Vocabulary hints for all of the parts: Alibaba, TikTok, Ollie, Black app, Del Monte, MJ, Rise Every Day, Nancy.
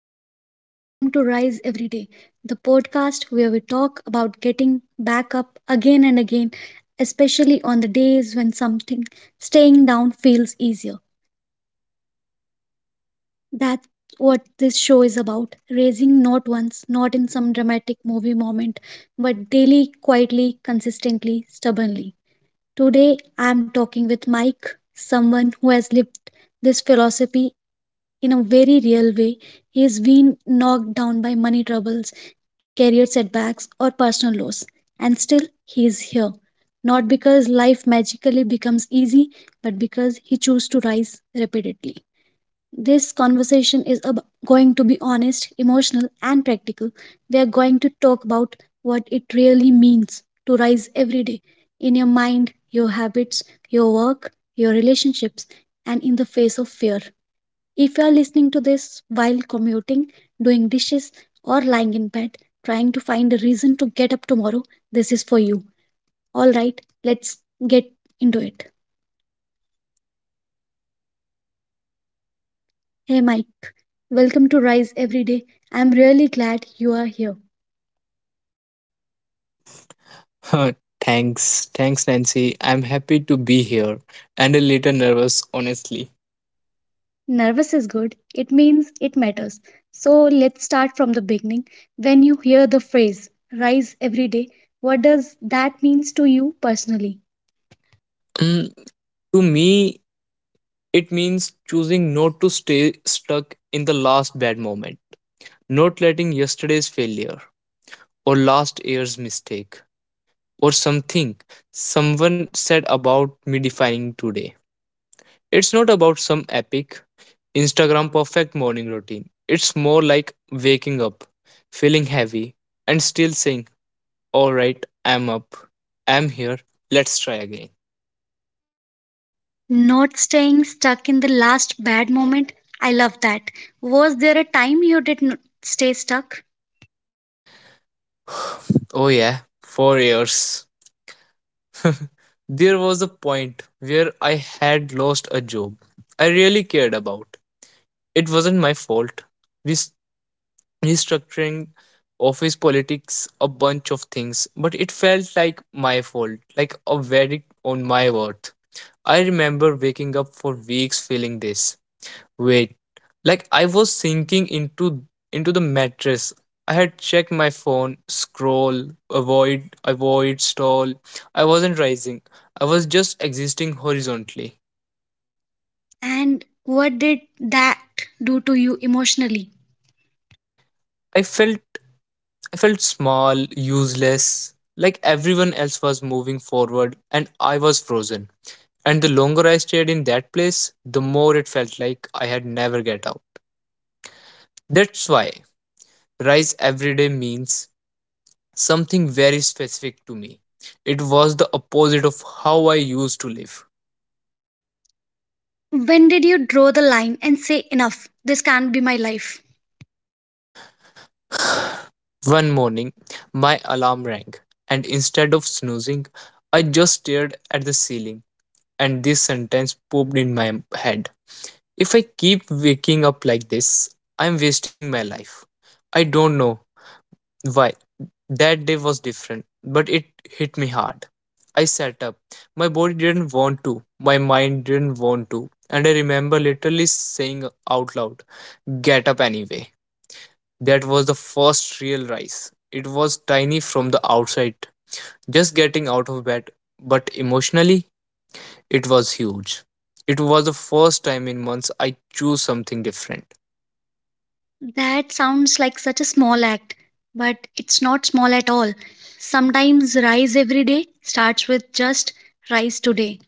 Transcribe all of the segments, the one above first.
everyone, and welcome to Rise Every Day, the podcast where we talk about getting back up again and again, especially on the days when something staying down feels easier. That's what this show is about raising not once, not in some dramatic movie moment, but daily, quietly, consistently, stubbornly. Today, I'm talking with Mike, someone who has lived this philosophy in a very real way. He's been knocked down by money troubles, career setbacks, or personal loss, and still he is here. Not because life magically becomes easy, but because he chose to rise repeatedly. This conversation is going to be honest, emotional, and practical. We are going to talk about what it really means to rise every day in your mind, your habits, your work, your relationships, and in the face of fear. If you are listening to this while commuting, doing dishes, or lying in bed, trying to find a reason to get up tomorrow, this is for you. All right, let's get into it. Hey, Mike. Welcome to Rise Every Day. I'm really glad you are here. Huh. Thanks, Nancy. I'm happy to be here and a little nervous, honestly. Nervous is good, it means it matters. So let's start from the beginning. When you hear the phrase rise every day, what does that mean to you personally? Mm, to me, it means choosing not to stay stuck in the last bad moment, not letting yesterday's failure or last year's mistake or something someone said about me defining today. It's not about some epic Instagram perfect morning routine. It's more like waking up, feeling heavy, and still saying, all right, I'm up. I'm here. Let's try again. Not staying stuck in the last bad moment. I love that. Was there a time you did not stay stuck? Oh, yeah, 4 years. There was a point where I had lost a job I really cared about. It wasn't my fault. Rest- Restructuring, office politics, a bunch of things, but it felt like my fault, like a verdict on my worth. I remember waking up for weeks feeling this Wait, like I was sinking into the mattress. I had checked my phone, scroll, avoid, avoid, stall. I wasn't rising. I was just existing horizontally. And what did that do to you emotionally? I felt I felt small, useless, like everyone else was moving forward and I was frozen. And the longer I stayed in that place, the more it felt like I had never get out. That's why rise every day means something very specific to me. It was the opposite of how I used to live. When did you draw the line and say, enough, this can't be my life? One morning, my alarm rang, and instead of snoozing, I just stared at the ceiling, and this sentence popped in my head. If I keep waking up like this, I'm wasting my life. I don't know Why? That day was different, but it hit me hard. I sat up. My body didn't want to, my mind didn't want to, and I remember literally saying out loud, get up anyway. That was the first real rise. It was tiny from the outside, just getting out of bed, but emotionally, it was huge. It was the first time in months I chose something different. That sounds like such a small act, but it's not small at all. Sometimes rise every day starts with just rise today.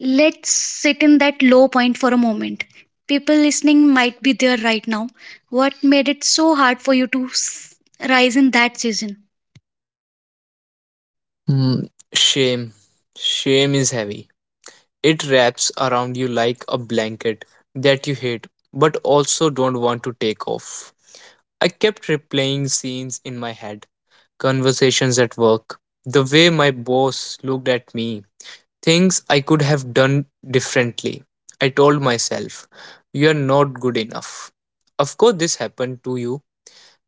Let's sit in that low point for a moment. People listening might be there right now. What made it so hard for you to rise in that season? Hmm, shame. Shame is heavy. It wraps around you like a blanket that you hate but also don't want to take off. I kept replaying scenes in my head, conversations at work, the way my boss looked at me, things I could have done differently. I told myself, you're not good enough. Of course, this happened to you.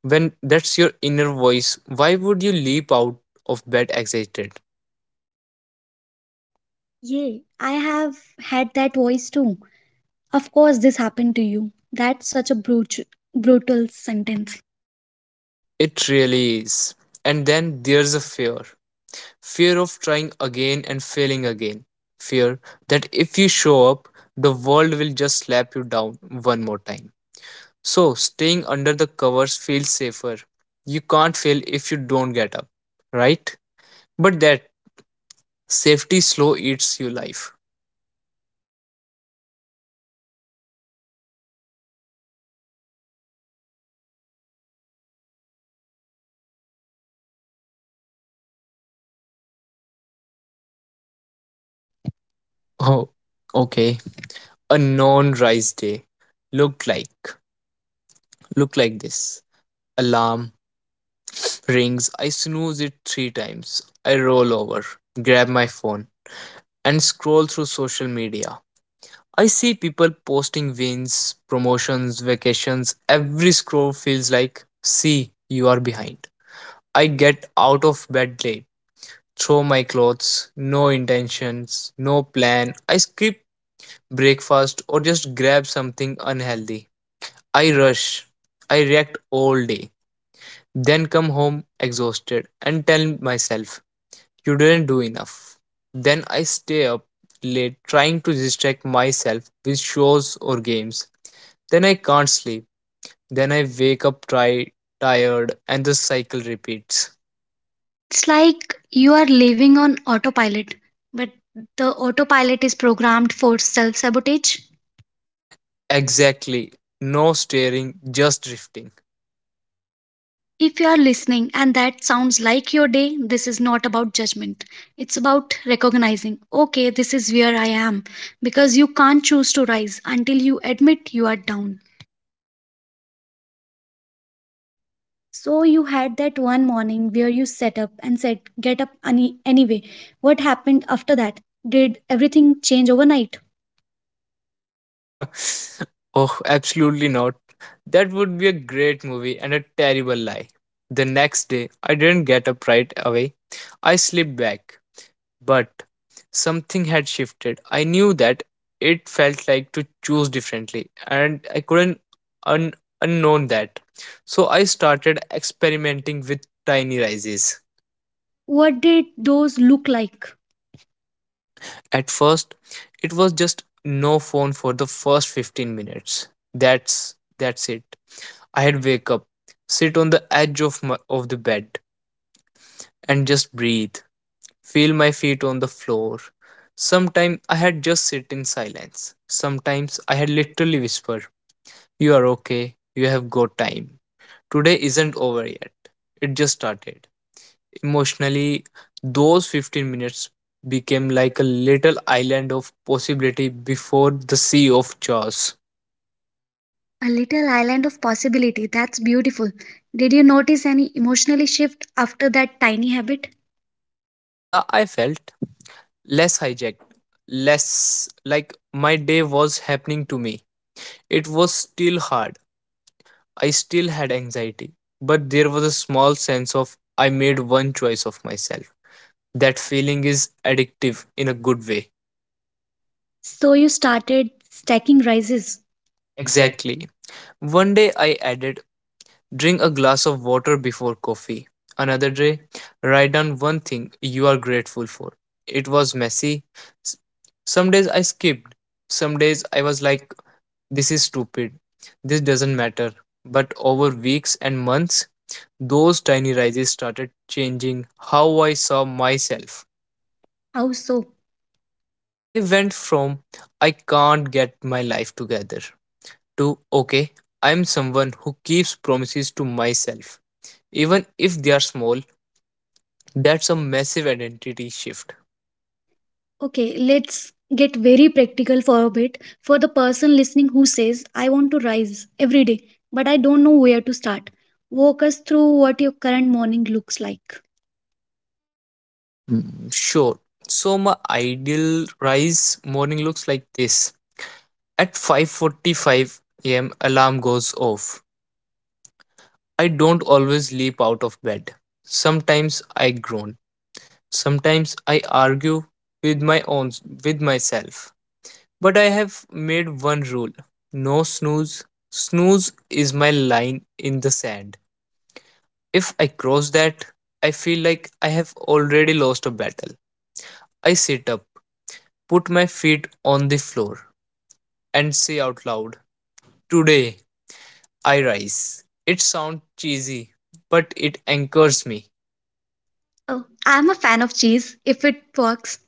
When that's your inner voice, why would you leap out of bed excited? Yeah, I have had that voice too. Of course, this happened to you. That's such a brutal, brutal sentence. It really is. And then there's a fear of trying again and failing again, fear that if you show up, the world will just slap you down one more time. So, staying under the covers feels safer. You can't fail if you don't get up, right? But that safety slow eats you life. Oh, okay. A non rise day looked like looked like this. Alarm rings. I snooze it three times. I roll over, grab my phone, and scroll through social media. I see people posting wins, promotions, vacations. Every scroll feels like, see, you are behind. I get out of bed late, throw my clothes, no intentions, no plan. I skip breakfast or just grab something unhealthy. I rush. I react all day. Then come home exhausted and tell myself, you didn't do enough. Then I stay up late trying to distract myself with shows or games. Then I can't sleep. Then I wake up tired, and the cycle repeats. It's like you are living on autopilot, but the autopilot is programmed for self sabotage. Exactly. No steering, just drifting. If you are listening and that sounds like your day, this is not about judgment. It's about recognizing, okay, this is where I am. Because you can't choose to rise until you admit you are down. So you had that one morning where you sat up and said, get up anyway. What happened after that? Did everything change overnight? Oh, absolutely not. That would be a great movie and a terrible lie. The next day, I didn't get up right away. I slipped back. But something had shifted. I knew that it felt like to choose differently, and I couldn't un- unknown that. So I started experimenting with tiny rises. What did those look like? At first, it was just no phone for the first 15 minutes. That's it. I had wake up, sit on the edge of my, of the bed and just breathe. Feel my feet on the floor. Sometimes I had just sit in silence. Sometimes I had literally whispered, you are okay, you have got time. Today isn't over yet. It just started. Emotionally, those 15 minutes became like a little island of possibility before the sea of jaws. A little island of possibility. That's beautiful. Did you notice any emotionally shift after that tiny habit? Yeah, I felt less hijacked, less like my day was happening to me. It was still hard, I still had anxiety, but there was a small sense of I made one choice of myself. That feeling is addictive in a good way. So you started stacking rises. Exactly. One day I added, drink a glass of water before coffee. Another day, write down one thing you are grateful for. It was messy. S- Some days I skipped. Some days I was like, this is stupid. This doesn't matter. But over weeks and months, those tiny rises started changing how I saw myself. How so? I went from I can't get my life together to okay, I'm someone who keeps promises to myself. Even if they are small, that's a massive identity shift. Okay, let's get very practical for a bit. For the person listening who says, I want to rise every day, but I don't know where to start. Walk us through what your current morning looks like. Sure. So my ideal rise morning looks like this. At 5:45 a.m. alarm goes off. I don't always leap out of bed. Sometimes I groan. Sometimes I argue with my own with myself. But I have made one rule. No snooze. Snooze is my line in the sand. If I cross that, I feel like I have already lost a battle. I sit up, put my feet on the floor, and say out loud, today I rise. It sounds cheesy, but it anchors me. Oh, I'm a fan of cheese if it works.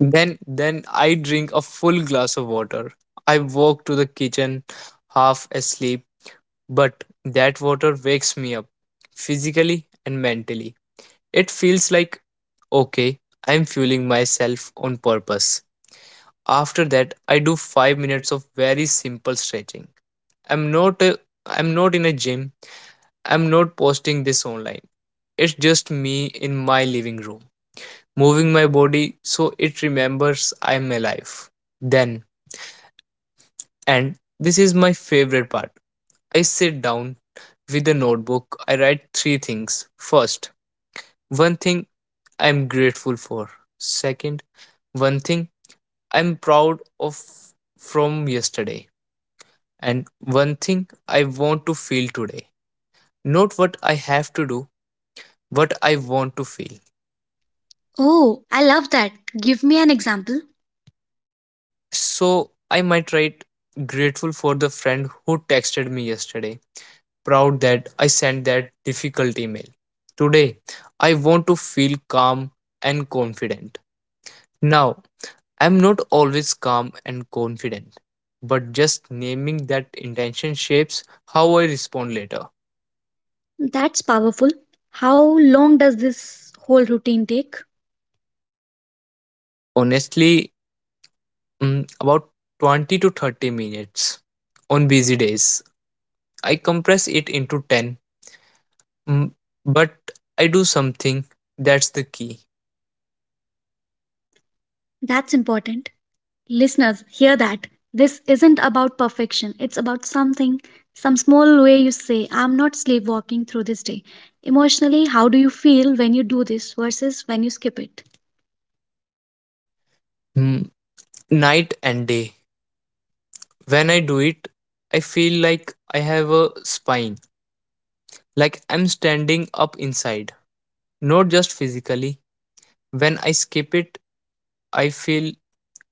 Then I drink a full glass of water. I walk to the kitchen half asleep, but that water wakes me up physically and mentally. It feels like okay, I'm fueling myself on purpose. After that, I do 5 minutes of very simple stretching. I'm not a, I'm not in a gym. I'm not posting this online. It's just me in my living room, moving my body so it remembers I'm alive. Then, and this is my favorite part, I sit down with a notebook. I write three things. First, one thing I'm grateful for. Second, one thing I'm proud of from yesterday. And one thing I want to feel today. Not what I have to do, what I want to feel. Oh, I love that. Give me an example. So I might write grateful for the friend who texted me yesterday, proud that I sent that difficult email. Today, I want to feel calm and confident. Now, I'm not always calm and confident, but just naming that intention shapes how I respond later. That's powerful. How long does this whole routine take? Honestly, about 20 to 30 minutes. On busy days, I compress it into 10, mm, but I do something, that's the key. That's important. Listeners, hear that. This isn't about perfection. It's about something, some small way you say, I'm not sleepwalking through this day. Emotionally, how do you feel when you do this versus when you skip it? Mm, Night and day. When I do it, I feel like I have a spine, like I'm standing up inside. Not just physically. When I skip it, I feel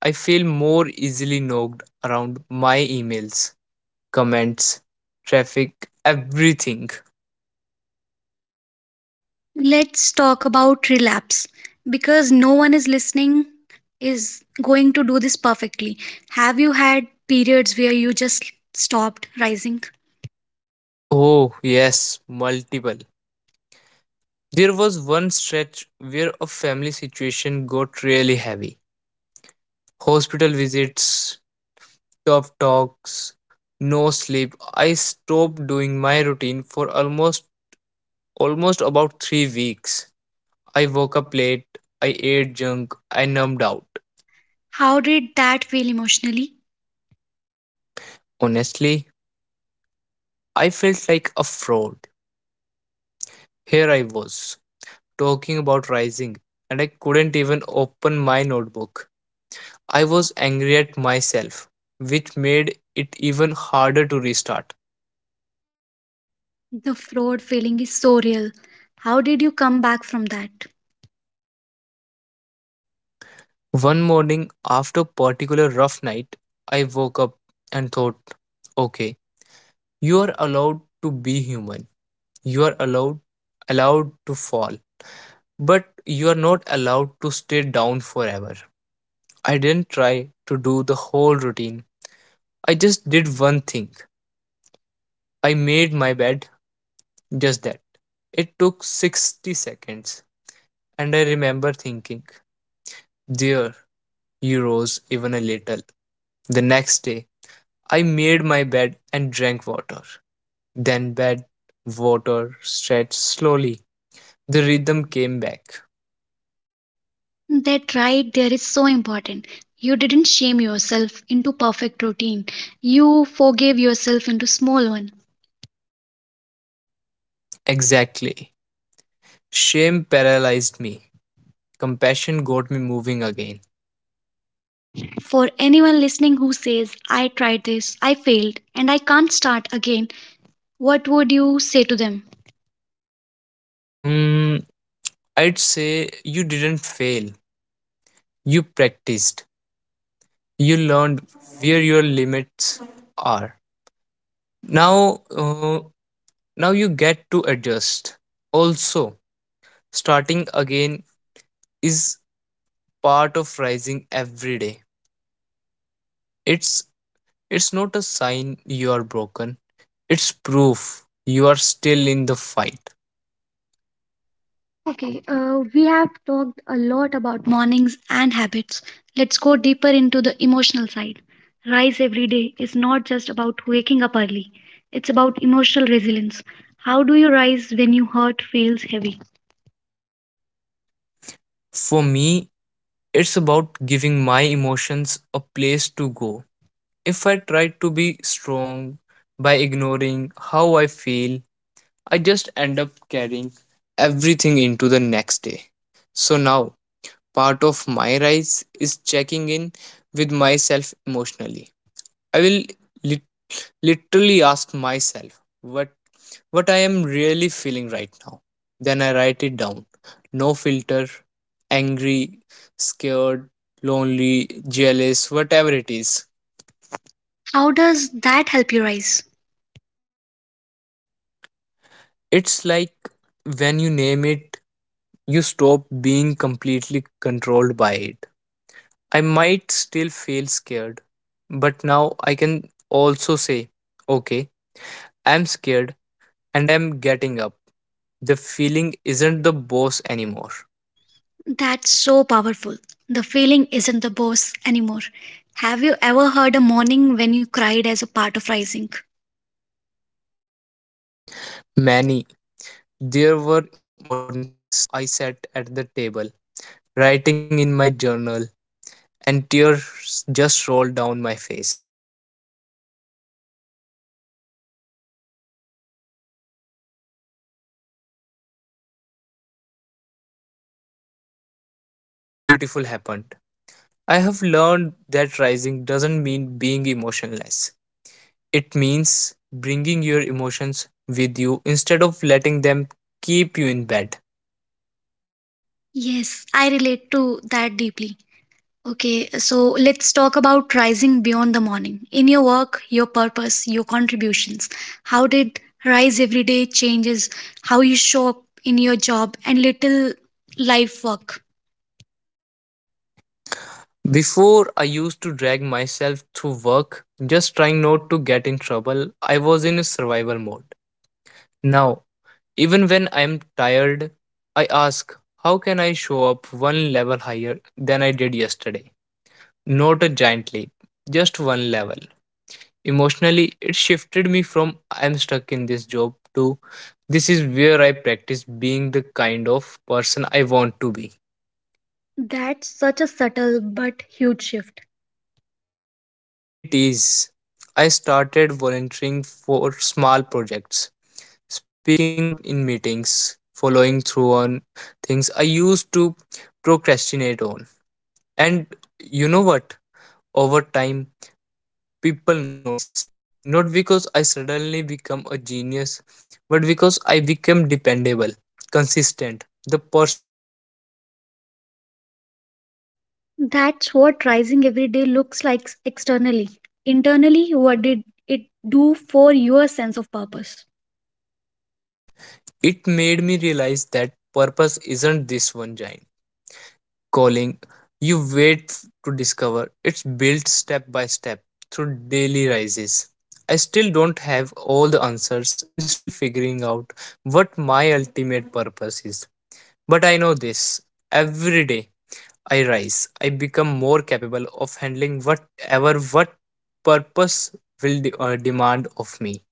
I feel more easily knocked around my emails, comments, traffic, everything. Let's talk about relapse because no one is listening is going to do this perfectly. Have you had periods where you just stopped rising? Oh, yes, multiple. There was one stretch where a family situation got really heavy. Hospital visits, of talks, no sleep. I stopped doing my routine for almost about 3 weeks. I woke up late, I ate junk, I numbed out. How did that feel emotionally? Honestly, I felt like a fraud. Here I was, talking about rising, and I couldn't even open my notebook. I was angry at myself, which made it even harder to restart. The fraud feeling is so real. How did you come back from that? One morning after a particular rough night, I woke up and thought, okay, you are allowed to be human, you are allowed to fall, but you are not allowed to stay down forever. I didn't try to do the whole routine. I just did one thing. I made my bed. Just that. It took 60 seconds, and I remember thinking, there, you rose even a little. The next day, I made my bed and drank water. Then bed, water, stretched slowly. The rhythm came back. That right there is so important. You didn't shame yourself into perfect routine. You forgave yourself into small one. Exactly. Shame paralyzed me. Compassion got me moving again. For anyone listening who says, I tried this, I failed, and I can't start again, what would you say to them? Um, I'd say you didn't fail. You practiced. You learned where your limits are. Now, now you get to adjust. Also, starting again is part of rising every day. It's it's not a sign you are broken. It's proof you are still in the fight. Okay, we have talked a lot about mornings and habits. Let's go deeper into the emotional side. Rise every day is not just about waking up early, it's about emotional resilience. How do you rise when your heart feels heavy? For me, it's about giving my emotions a place to go. If I try to be strong by ignoring how I feel, I just end up carrying everything into the next day. So now, part of my rise is checking in with myself emotionally. I will lit- literally ask myself, what I am really feeling right now. Then I write it down. No filter, angry, scared, lonely, jealous, whatever it is. How does that help you rise? It's like when you name it, you stop being completely controlled by it. I might still feel scared, but now I can also say, okay, I'm scared and I'm getting up. The feeling isn't the boss anymore. That's so powerful. The feeling isn't the boss anymore. Have you ever heard a morning when you cried as a part of rising? Many. There were mornings I sat at the table, writing in my journal, and tears just rolled down my face. Sometimes from grief, sometimes from sheer exhaustion, sometimes from gratitude when something small but beautiful happened. I have learned that rising doesn't mean being emotionless. It means bringing your emotions with you instead of letting them keep you in bed. Yes, I relate to that deeply. Okay, so let's talk about rising beyond the morning. In your work, your purpose, your contributions, how did rise every day changes how you show up in your job and little life work? Before, I used to drag myself through work just trying not to get in trouble. I was in a survival mode. Now, even when I am tired, I ask, how can I show up one level higher than I did yesterday? Not a giant leap, just one level. Emotionally, it shifted me from I'm stuck in this job to this is where I practice being the kind of person I want to be. That's such a subtle but huge shift. It is. I started volunteering for small projects, speaking up in meetings, following through on things I used to procrastinate on. And you know what? Over time, people noticed. Not because I suddenly become a genius, but because I became dependable, consistent, the person who shows up even when it's hard. That's what rising every day looks like externally. Internally, what did it do for your sense of purpose? It made me realize that purpose isn't this one giant calling you wait to discover. It's built step by step through daily rises. I still don't have all the answers. I'm still figuring out what my ultimate purpose is. But I know this: every day I rise, I become more capable of handling whatever what purpose will demand of me.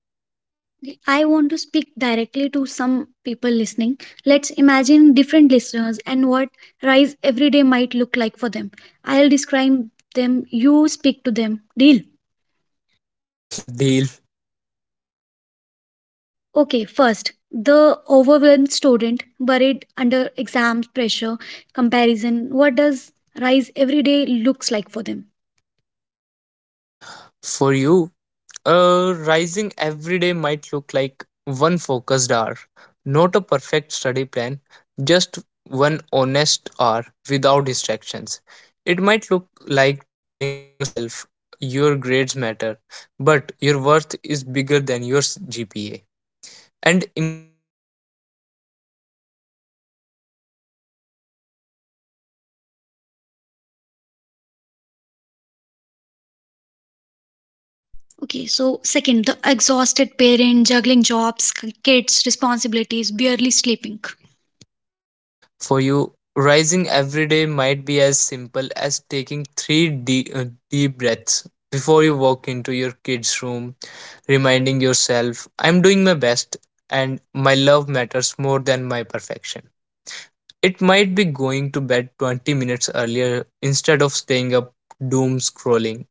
I want to speak directly to some people listening. Let's imagine different listeners and what rise every day might look like for them. I'll describe them, you speak to them. Deal. Yeah, deal. Okay, first, the overwhelmed student buried under exams pressure, comparison. What does rise every day looks like for them? For you, rising every day might look like one focused hour, not a perfect study plan, just one honest hour without distractions. It might look like telling yourself your grades matter, but your worth is bigger than your GPA. And emotionally, it's forgiving yourself when you procrastinate, then starting again, not writing the whole semester off because of one bad week. Okay, so second, the exhausted parent juggling jobs, kids, responsibilities, barely sleeping. For you, rising every day might be as simple as taking three deep breaths before you walk into your kid's room, reminding yourself, I'm doing my best and my love matters more than my perfection. It might be going to bed 20 minutes earlier instead of staying up doom scrolling.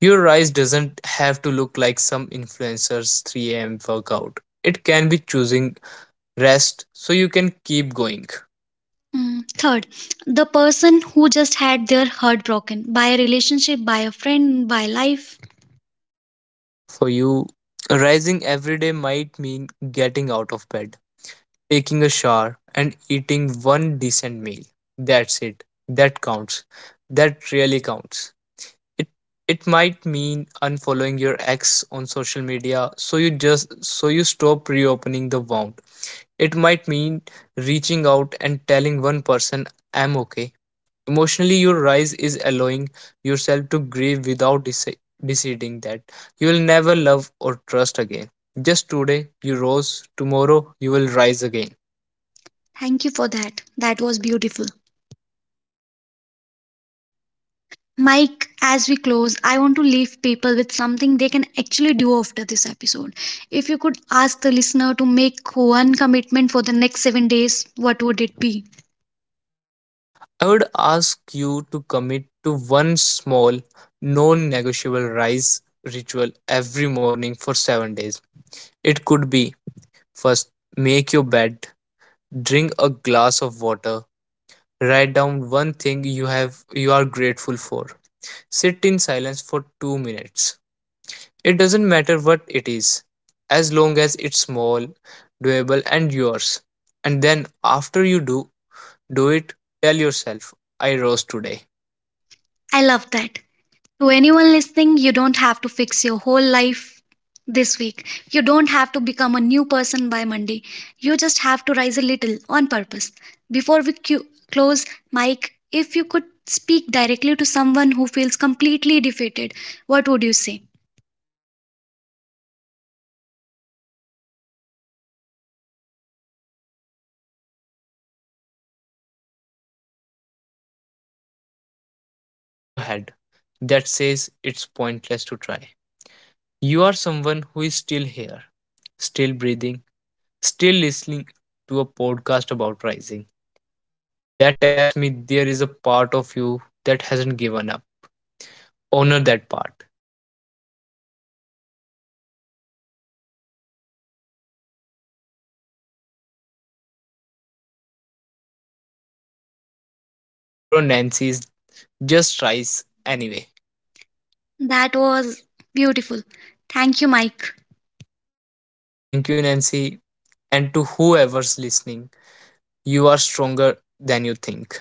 Your rise doesn't have to look like some influencer's 3 a.m. workout. It can be choosing rest so you can keep going. Mm, third, the person who just had their heart broken by a relationship, by a friend, by life. For you, rising every day might mean getting out of bed, taking a shower, and eating one decent meal. That's it. That counts. That really counts. It it might mean unfollowing your ex on social media so you just so you stop reopening the wound. It might mean reaching out and telling one person I'm okay. Emotionally, your rise is allowing yourself to grieve without deciding that you will never love or trust again. Just today, you rose; tomorrow, you will rise again. Thank you for that. That was beautiful. Mike, as we close, I want to leave people with something they can actually do after this episode. If you could ask the listener to make one commitment for the next 7 days, what would it be? I would ask you to commit to one small, non negotiable rise ritual every morning for 7 days. It could be: first, make your bed, drink a glass of water, write down one thing you are grateful for, sit in silence for 2 minutes. It doesn't matter what it is, as long as it's small, doable, and yours. And then after do it, tell yourself, I rose today. I love that. To anyone listening, you don't have to fix your whole life this week. You don't have to become a new person by Monday. You just have to rise a little on purpose. Before we close, Mike, if you could speak directly to someone who feels completely defeated, what would you say? I'd say this: you are not your worst day, you are not your biggest mistake. You are the voice in your head that says it's pointless to try. You are someone who is still here, still breathing, still listening to a podcast about rising. That tells me there is a part of you that hasn't given up. Honor that part. Protect it. Feed it with one small action tomorrow morning. You don't have to believe in yourself fully yet. Borrow my belief for now. Borrow Nancy's. Just rise anyway. That was beautiful. Thank you, Mike. Thank you, Nancy. And to whoever's listening, you are stronger than you think.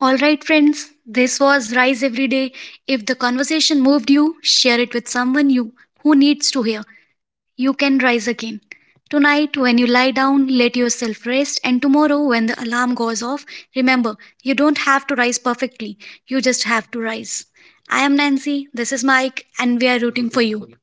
All right, friends, this was Rise Every Day. If the conversation moved you, share it with someone you who needs to hear. You can rise again. Tonight, when you lie down, let yourself rest, and tomorrow, when the alarm goes off, remember you don't have to rise perfectly, you just have to rise. I am Nancy, this is Mike, and we are rooting for you.